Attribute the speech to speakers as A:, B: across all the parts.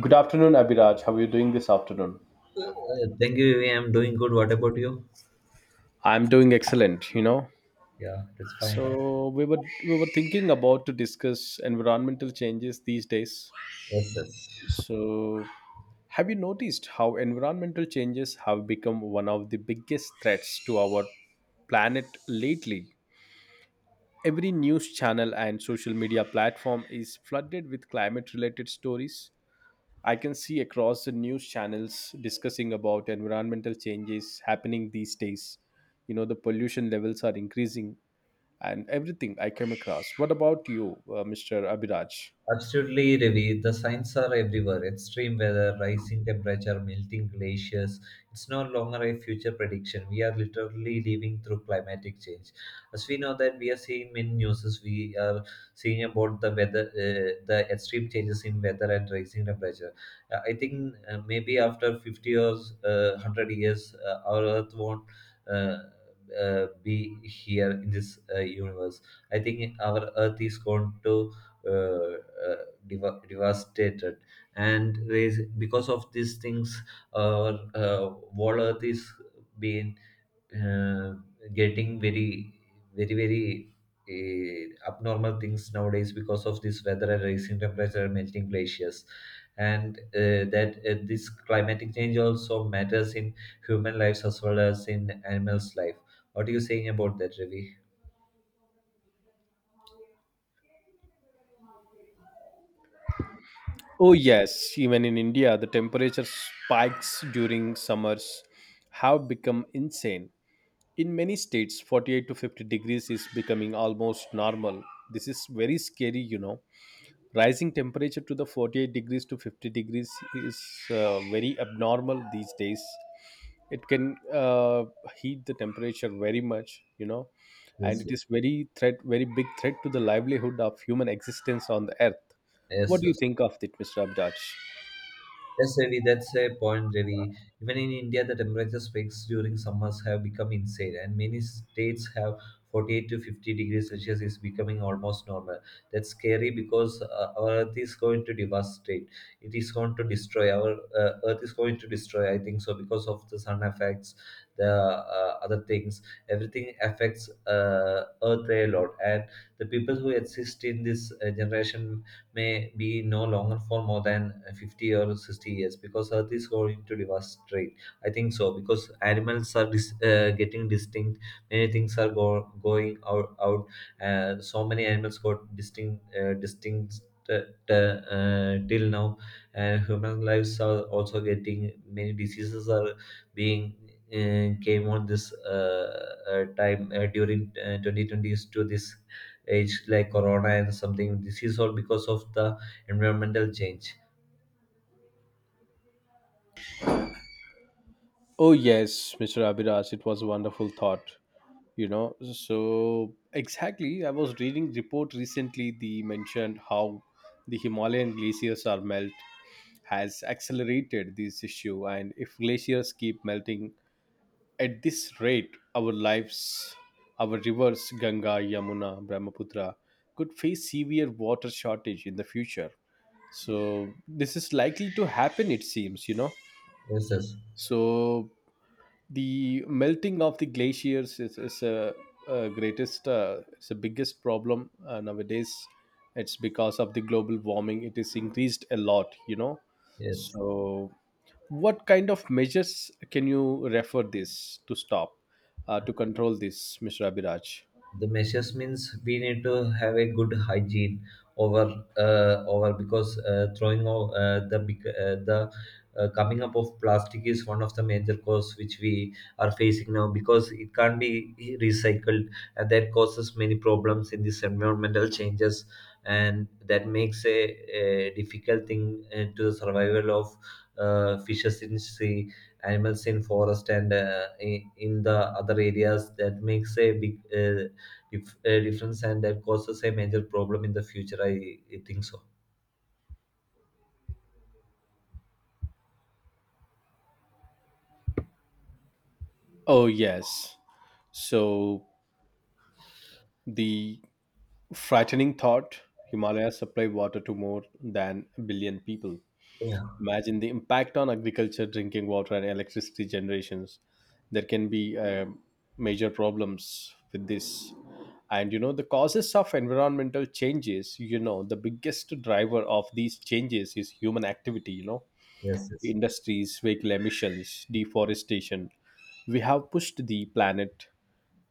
A: Good afternoon, Abhiraj. How are you doing this afternoon?
B: Thank you. Vivi. I'm doing good. What about you?
A: I'm doing excellent, you know.
B: Yeah, that's fine.
A: So we were thinking about to discuss environmental changes these days.
B: Yes, yes.
A: So have you noticed how environmental changes have become one of the biggest threats to our planet lately? Every news channel and social media platform is flooded with climate related stories. I can see across the news channels discussing about environmental changes happening these days. You know, the pollution levels are increasing and everything I came across. What about you, Mr. Abhiraj?
B: Absolutely, Ravi. The signs are everywhere. Extreme weather, rising temperature, melting glaciers. It's no longer a future prediction. We are literally living through climatic change. As we know that we are seeing many news, we are seeing about the weather, the extreme changes in weather and rising temperature. I think maybe after 50 years, 100 years, our Earth won't uh, be here in this universe. I think our Earth is going to uh, uh, devastated, and because of these things, our world earth is being, uh, getting very, very, very abnormal things nowadays because of this weather and rising temperature and melting glaciers, and that this climatic change also matters in human lives as well as in animals life. What are you saying about that, ravi?
A: Oh, yes, even in India, the temperature spikes during summers have become insane. In many states, 48 to 50 degrees is becoming almost normal. This is very scary, you know. Rising temperature to the 48 degrees to 50 degrees is very abnormal these days. It can heat the temperature very much, you know. And
B: Yes,
A: it is very threat, very big threat to the livelihood of human existence on the earth. What
B: yes,
A: do you
B: yes.
A: think of it, Mr. Abdaj?
B: Yes, Ravi, that's a point, Ravi. Even in India, the temperature spikes during summers have become insane, and many states have 48 to 50 degrees Celsius is becoming almost normal. That's scary because our Earth is going to devastate. It is going to destroy. Our Earth is going to destroy, I think so, because of the sun effects, the other things. Everything affects Earth a lot. And the people who exist in this generation may be no longer for more than 50 or 60 years because earth is going to devastate, I think so, because animals are getting distinct. Many things are going out. So many animals got distinct till now, and human lives are also getting many diseases are being came on this time during 2020s to this age, like corona and something. This is all because of the environmental change.
A: Oh yes, Mr. Abiraj, it was a wonderful thought, you know. So exactly, I was reading report recently. They mentioned how the Himalayan glaciers are melt has accelerated this issue, and if glaciers keep melting at this rate, our lives, our rivers Ganga, Yamuna, Brahmaputra could face severe water shortage in the future. So this is likely to happen, it seems, you know.
B: Yes, yes,
A: So the melting of the glaciers is a greatest it's the biggest problem nowadays. It's because of the global warming it is increased a lot, you know.
B: yes.
A: So what kind of measures can you refer this to stop, to control this, Mr. Abhiraj?
B: The measures means we need to have a good hygiene over, over because throwing o- the big- the coming up of plastic is one of the major cause which we are facing now because it can't be recycled, and that causes many problems in these environmental changes, and that makes a difficult thing to the survival of fishes in sea, animals in forest, and in the other areas. That makes a big difference, and that causes a major problem in the future. I think so.
A: Oh yes, so the frightening thought, Himalayas supply water to more than a billion people.
B: Yeah.
A: Imagine the impact on agriculture, drinking water, and electricity generations. There can be major problems with this. And you know, the causes of environmental changes, you know, the biggest driver of these changes is human activity, you know,
B: Yes. Yes.
A: industries, vehicle emissions, deforestation. We have pushed the planet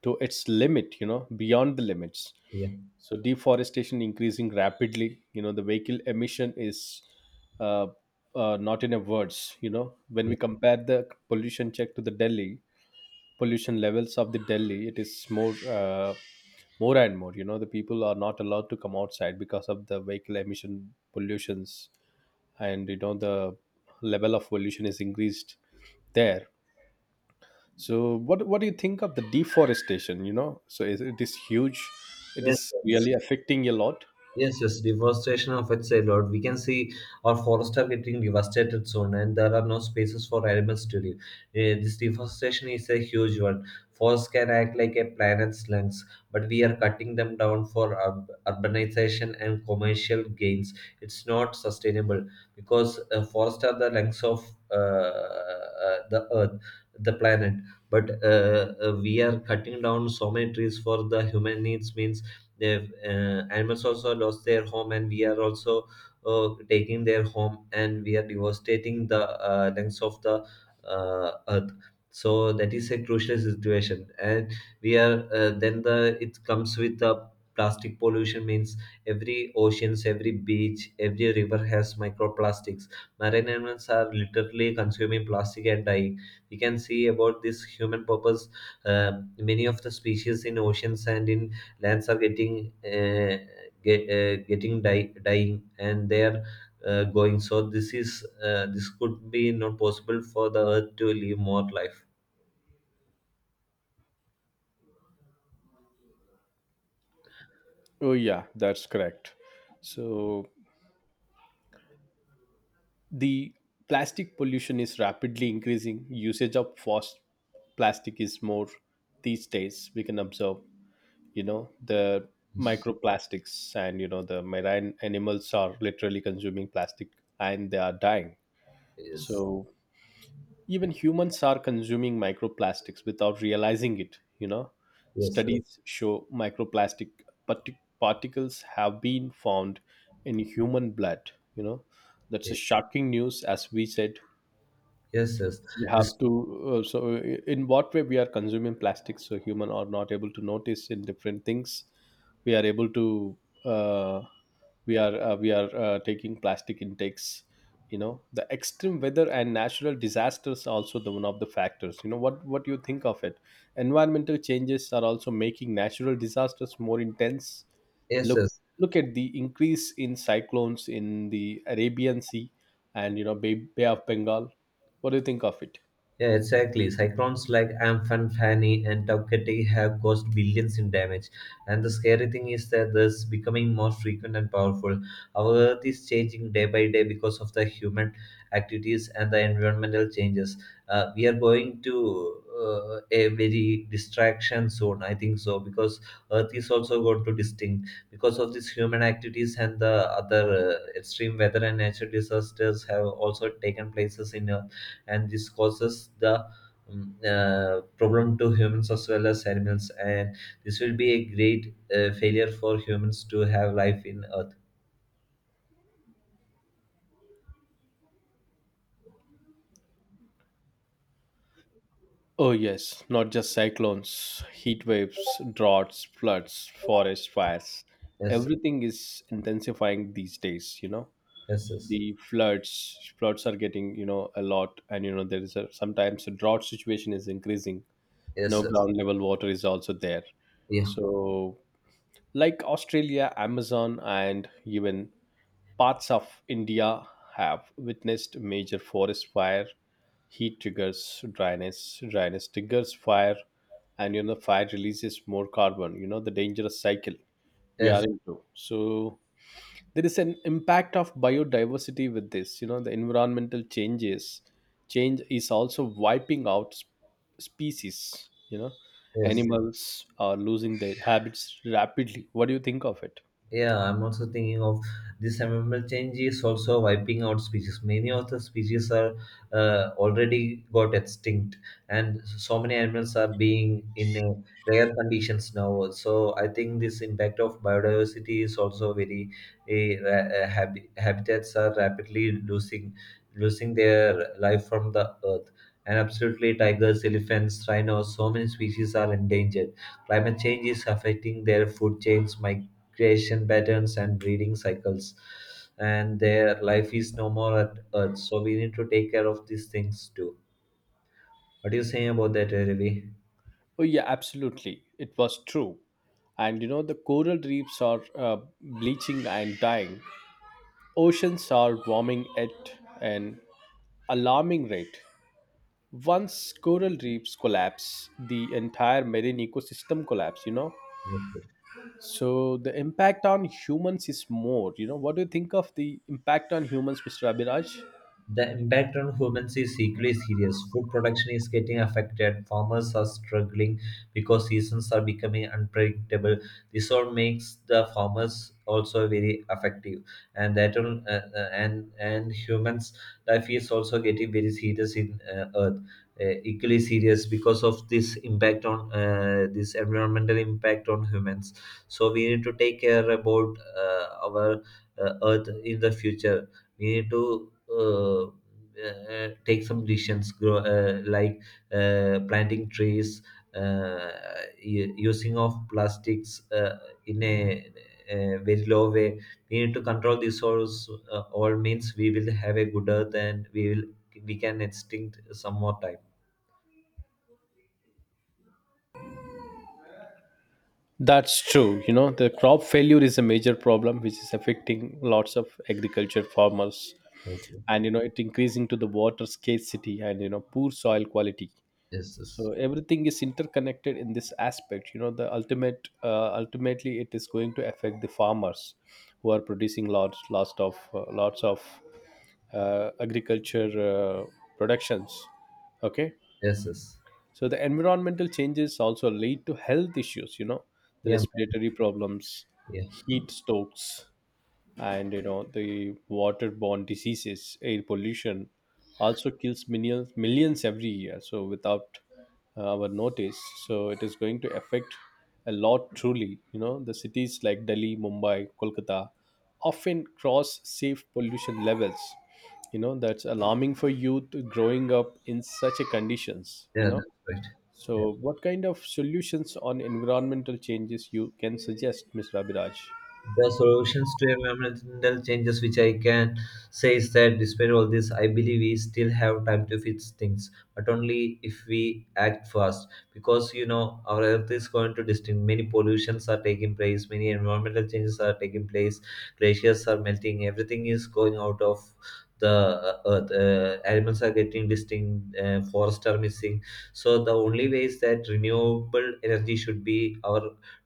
A: to its limit, you know, beyond the limits.
B: Yeah.
A: So deforestation increasing rapidly, you know. The vehicle emission is uh, not in a words, you know. When we
B: Yeah.
A: compare the pollution check to the Delhi pollution levels of the Delhi, it is more more and more, you know. The people are not allowed to come outside because of the vehicle emission pollutions. And you know, the level of pollution is increased there. So what do you think of the deforestation, you know? So is, it is huge, it
B: Yes.
A: is
B: Sir.
A: really affecting a lot.
B: Yes, yes, deforestation affects a lot. We can see our forests are getting devastated soon, and there are no spaces for animals to live. This deforestation is a huge one. Forests can act like a planet's lungs, but we are cutting them down for urbanization and commercial gains. It's not sustainable because forests are the lungs of uh, the earth, the planet. But we are cutting down so many trees for the human needs means they've, animals also lost their home, and we are also taking their home, and we are devastating the lengths of the earth. So that is a crucial situation, and we are then the it comes with the plastic pollution means every oceans, every beach, every river has microplastics. Marine animals are literally consuming plastic and dying. We can see about this human purpose. uh, Many of the species in oceans and in lands are getting get, getting die, dying, and they are going. So this could be not possible for the earth to live more life.
A: Oh yeah, that's correct. So the plastic pollution is rapidly increasing. Usage of fast plastic is more these days. We can observe, you know, the microplastics and, you know, the marine animals are literally consuming plastic and they are dying.
B: Yes,
A: So even humans are consuming microplastics without realizing it, you know.
B: yes,
A: Studies show microplastic particles have been found in human blood, you know. That's a
B: yes,
A: shocking news, as we said.
B: yes, yes.
A: We
B: This.
A: have to so in what way we are consuming plastics. So human are not able to notice in different things. We are able to uh, we are taking plastic intakes. You know, the extreme weather and natural disasters are also the one of the factors, you know. What you think of it? Environmental changes are also making natural disasters more intense.
B: Yes,
A: look
B: yes.
A: look at the increase in cyclones in the Arabian Sea, and you know, bay of Bengal. What do you think of it?
B: Yeah, exactly. Cyclones like Amphan, Fani, and Tau Keti have caused billions in damage. And the scary thing is that this becoming more frequent and powerful. Our Earth is changing day by day because of the human activities and the environmental changes. We are going to a very distraction zone, I think so, because Earth is also going to distinct because of these human activities and the other extreme weather and natural disasters have also taken places in. And this causes the problem to humans as well as animals, and this will be a great failure for humans to have life in earth.
A: Oh yes, not just cyclones, heat waves, droughts, floods, forest fires.
B: Yes,
A: Everything is intensifying these days, you know.
B: yes, yes,
A: The floods are getting, you know, a lot, and you know, there is a sometimes a drought situation is increasing.
B: yes,
A: No
B: yes.
A: ground level water is also there.
B: Yeah.
A: So like Australia, Amazon, and even parts of India have witnessed major forest fire. Heat triggers dryness, dryness triggers fire, and you know fire releases more carbon. You know, the dangerous cycle we are
B: Yes,
A: into. So there is an impact of biodiversity with this. You know, the environmental changes change is also wiping out species. You know,
B: yes.
A: animals are losing their habits rapidly. What do you think of it?
B: Yeah, I'm also thinking of this environmental change is also wiping out species. Many of the species are already got extinct, and so many animals are being in rare conditions now. So I think this impact of biodiversity is also very habitats are rapidly losing their life from the earth. And absolutely, tigers, elephants, rhinos, so many species are endangered. Climate change is affecting their food chains, creation patterns and breeding cycles, and their life is no more at earth, so we need to take care of these things too. What do you say about that, Ravi?
A: Oh yeah, absolutely. It was true. And you know, the coral reefs are bleaching and dying. Oceans are warming at an alarming rate. Once coral reefs collapse, the entire marine ecosystem collapse, you know.
B: Yes.
A: So the impact on humans is more, you know. What do you think of the impact on humans, Mr. Abhiraj?
B: The impact on humans is equally serious. Food production is getting affected. Farmers are struggling because seasons are becoming unpredictable. This all makes the farmers also very effective, and that on, and humans' life is also getting very serious in Earth. Equally serious because of this impact on, this environmental impact on humans. So we need to take care about our Earth in the future. We need to take some decisions grow, like planting trees, uh, using of plastics in a very low way. We need to control these source all means we will have a good earth, and we can extinct some more time.
A: That's true. You know, the crop failure is a major problem which is affecting lots of agriculture farmers.
B: Yes,
A: And you know, it increasing to the water scarcity, and you know, poor soil quality.
B: yes, yes,
A: So everything is interconnected in this aspect, you know. The ultimate ultimately it is going to affect the farmers who are producing lots of lots of agriculture productions. Okay.
B: yes, yes.
A: So the environmental changes also lead to health issues, you know, the
B: Yeah,
A: respiratory problems,
B: yeah,
A: heat strokes, and you know, the waterborne diseases, air pollution also kills millions every year, so without our notice. So it is going to affect a lot, truly. You know, the cities like Delhi, Mumbai, Kolkata often cross safe pollution levels, you know. That's alarming for youth growing up in such a conditions, you
B: yeah,
A: know.
B: that's right.
A: So what kind of solutions on environmental changes you can suggest, Mr. Abhiraj?
B: The solutions to environmental changes which I can say is that despite all this, I believe we still have time to fix things, but only if we act fast, because our earth is going to distinct. Many pollutions are taking place, many environmental changes are taking place, glaciers are melting, everything is going out of the earth. Animals are getting distinct, forests are missing. So the only way is that renewable energy should be our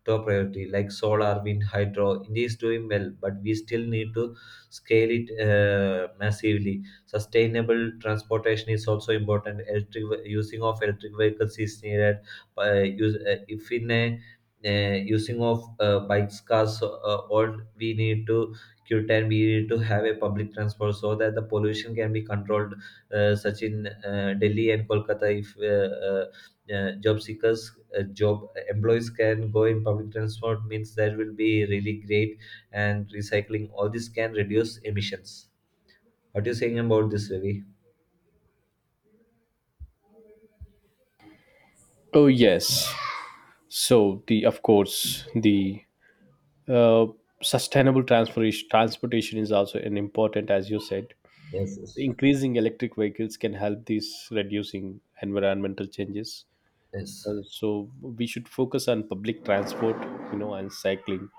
B: top priority, like solar, wind, hydro. India is doing well, but we still need to scale it massively. Sustainable transportation is also important. Using of electric vehicles is needed. Use, if in a using of bikes, cars, so, all we need to Q10, we need to have a public transport so that the pollution can be controlled, such in Delhi and Kolkata. If uh, uh, job seekers job employees can go in public transport means that will be really great, and recycling all this can reduce emissions. What are you saying about this, ravi?
A: Oh yes. So the of course the uh, sustainable transportation is also an important, as you said.
B: Yes, yes,
A: Increasing electric vehicles can help these reducing environmental changes.
B: yes,
A: So we should focus on public transport, you know, and cycling.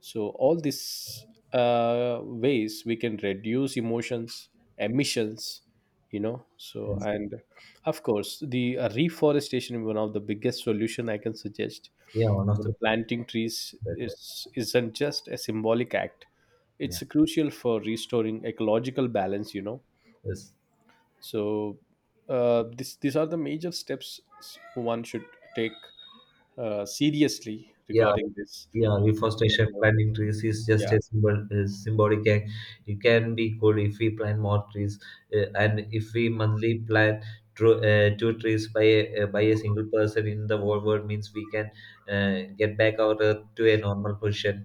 A: So all these ways we can reduce emotions emissions, you know. So
B: yes.
A: and of course the reforestation is one of the biggest solution I can suggest.
B: Yeah, one
A: You
B: of
A: know, the
B: the
A: planting trees
B: better one.
A: is isn't just a symbolic act.
B: Yeah,
A: It's crucial for restoring ecological balance, you know.
B: yes,
A: So this, these are the major steps one should take seriously
B: yeah.
A: regarding this.
B: Yeah,
A: And, you
B: reforestation
A: know, the-
B: planting trees is just
A: yeah.
B: a symbolic act. It can be good if we plant more trees, and if we monthly plant two trees by a single person in the whole world means we can get back our earth to a normal position.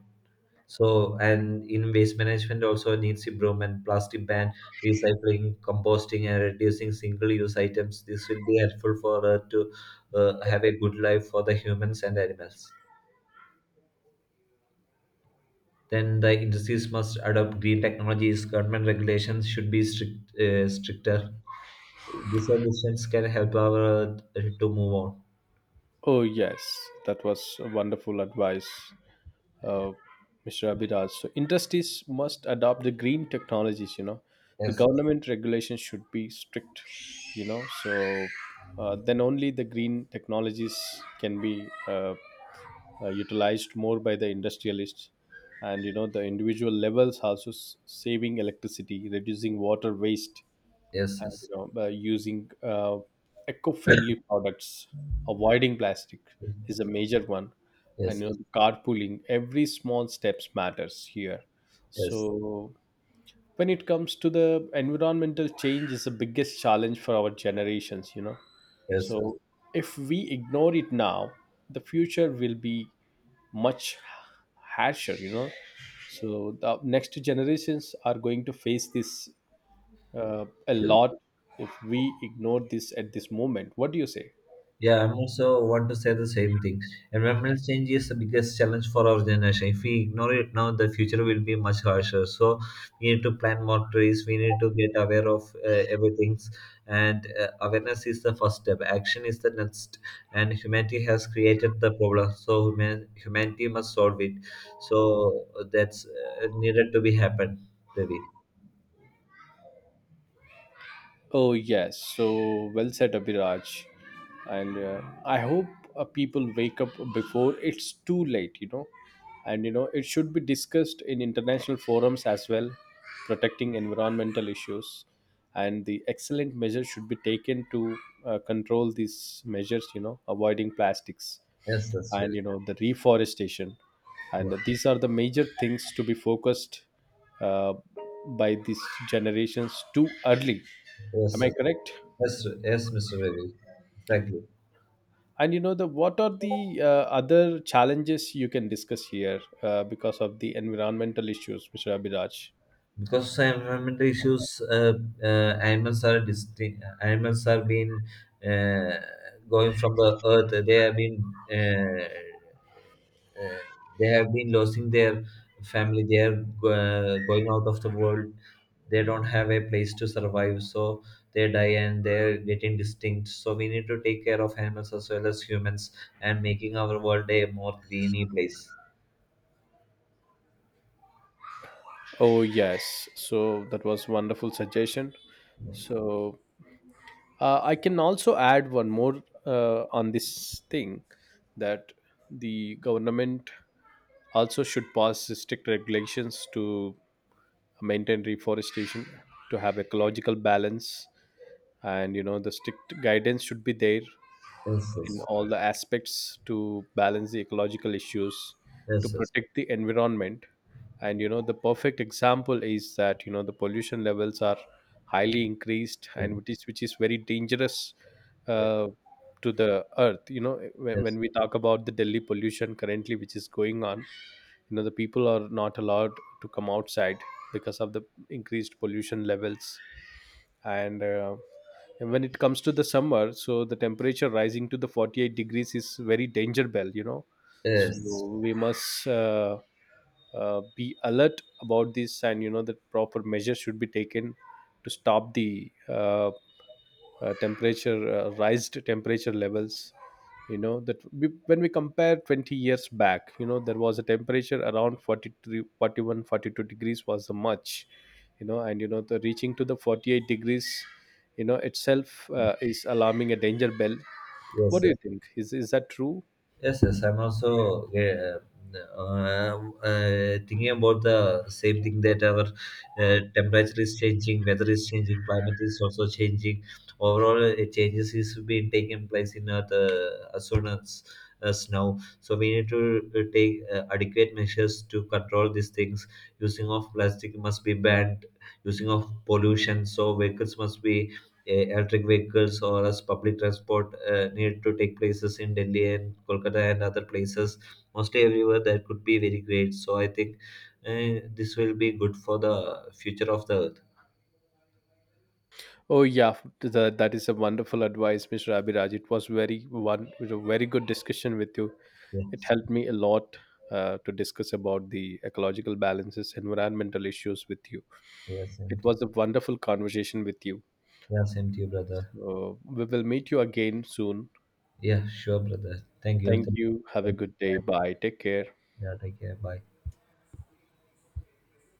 B: So, and in waste management also needs improvement. Plastic ban, recycling, composting, and reducing single-use items. This will be helpful for Earth to have a good life for the humans and animals. Then the industries must adopt green technologies. Government regulations should be stricter. These solutions can help our to move on.
A: Oh yes, that was a wonderful advice, uh, Mr. Abhiraj. So industries must adopt the green technologies, you know. The
B: Yes,
A: government regulations should be strict, you know. So, then only the green technologies can be utilized more by the industrialists. And, you know, the individual levels also saving electricity, reducing water waste,
B: yes,
A: and
B: yes,
A: you know by using eco-friendly products, avoiding plastic is a major one.
B: yes,
A: And you know,
B: yes,
A: carpooling, every small steps matters here.
B: yes,
A: So when it comes to the environmental change is the biggest challenge for our generations, you know.
B: yes.
A: So if we ignore it now, the future will be much harsher, you know. So the next generations are going to face this a
B: Yes.
A: lot if we ignore this at this moment. What do you say?
B: Yeah, I'm also want to say the same thing. Environmental change is the biggest challenge for our generation. If we ignore it now, the future will be much harsher. So we need to plant more trees. We need to get aware of everything, and awareness is the first step. Action is the next. And humanity has created the problem, so humanity must solve it. So that's needed to be happened, Ravi.
A: Oh yes. So well said, Abhiraj. And I hope people wake up before it's too late, you know. And, you know, it should be discussed in international forums as well, protecting environmental issues. And the excellent measures should be taken to control these measures, you know, avoiding plastics,
B: Yes, that's
A: and
B: Ravi.
A: you know, the reforestation,
B: Yeah.
A: and these are the major things to be focused uh, by these generations too early. Am
B: Yes,
A: I correct?
B: yes, yes, Mr. Ravi. Exactly.
A: And you know, the what are the other challenges you can discuss here because of the environmental issues, Mr. Abhiraj?
B: Because environmental issues, animals are distinct. Animals are being uh, going from the earth. Uh, uh, they have been losing their family. They are going out of the world. They don't have a place to survive, so they die and they're getting distinct. So we need to take care of animals as well as humans, and making our world a more greeny place.
A: Oh yes, so that was wonderful suggestion. So I can also add one more on this thing that the government also should pass strict regulations to maintain reforestation, to have ecological balance. And you know, the strict guidance should be there
B: Yes,
A: in
B: yes,
A: all the aspects to balance the ecological issues, to
B: yes, yes.
A: protect the environment. And you know, the perfect example is that you know, the pollution levels are highly increased and which is very dangerous
B: Yes.
A: uh, to the earth, you know. when,
B: Yes.
A: when we talk about the Delhi pollution currently which is going on, you know, the people are not allowed to come outside because of the increased pollution levels. And uh, and when it comes to the summer, so the temperature rising to the 48 degrees is very danger bell, you know. So
B: Yes.
A: we must be alert about this, and you know that proper measures should be taken to stop the temperature rised temperature levels. You know that we, when we compare 20 years back, you know, there was a temperature around 43 41 42 degrees was the much, you know. And you know, the reaching to the 48 degrees, you know, itself is alarming a danger bell.
B: Yes,
A: What do
B: yes,
A: you think? Is that true?
B: yes. Yes, I'm also thinking about the same thing, that our temperature is changing, weather is changing, climate is also changing. Overall, changes is being taken place in Earth, as soon as now. So we need to take adequate measures to control these things. Using of plastic must be banned. Using of pollution, so vehicles must be electric vehicles or as public transport need to take places in Delhi and Kolkata and other places, mostly everywhere. That could be very great. So I think this will be good for the future of the earth.
A: Oh yeah, that is a wonderful advice, Mr. Abhiraj. It was very one, it was a very good discussion with you. It
B: Yes,
A: helped me a lot to discuss about the ecological balances, environmental issues with you.
B: yes, same
A: It
B: to you.
A: was a wonderful conversation with you.
B: Yeah, same to you, brother.
A: So we will meet you again soon.
B: Yeah, sure, brother. Thank you.
A: Thank
B: Thank
A: you. Have a
B: you.
A: good day. Bye. Take care.
B: Yeah, take care. Bye.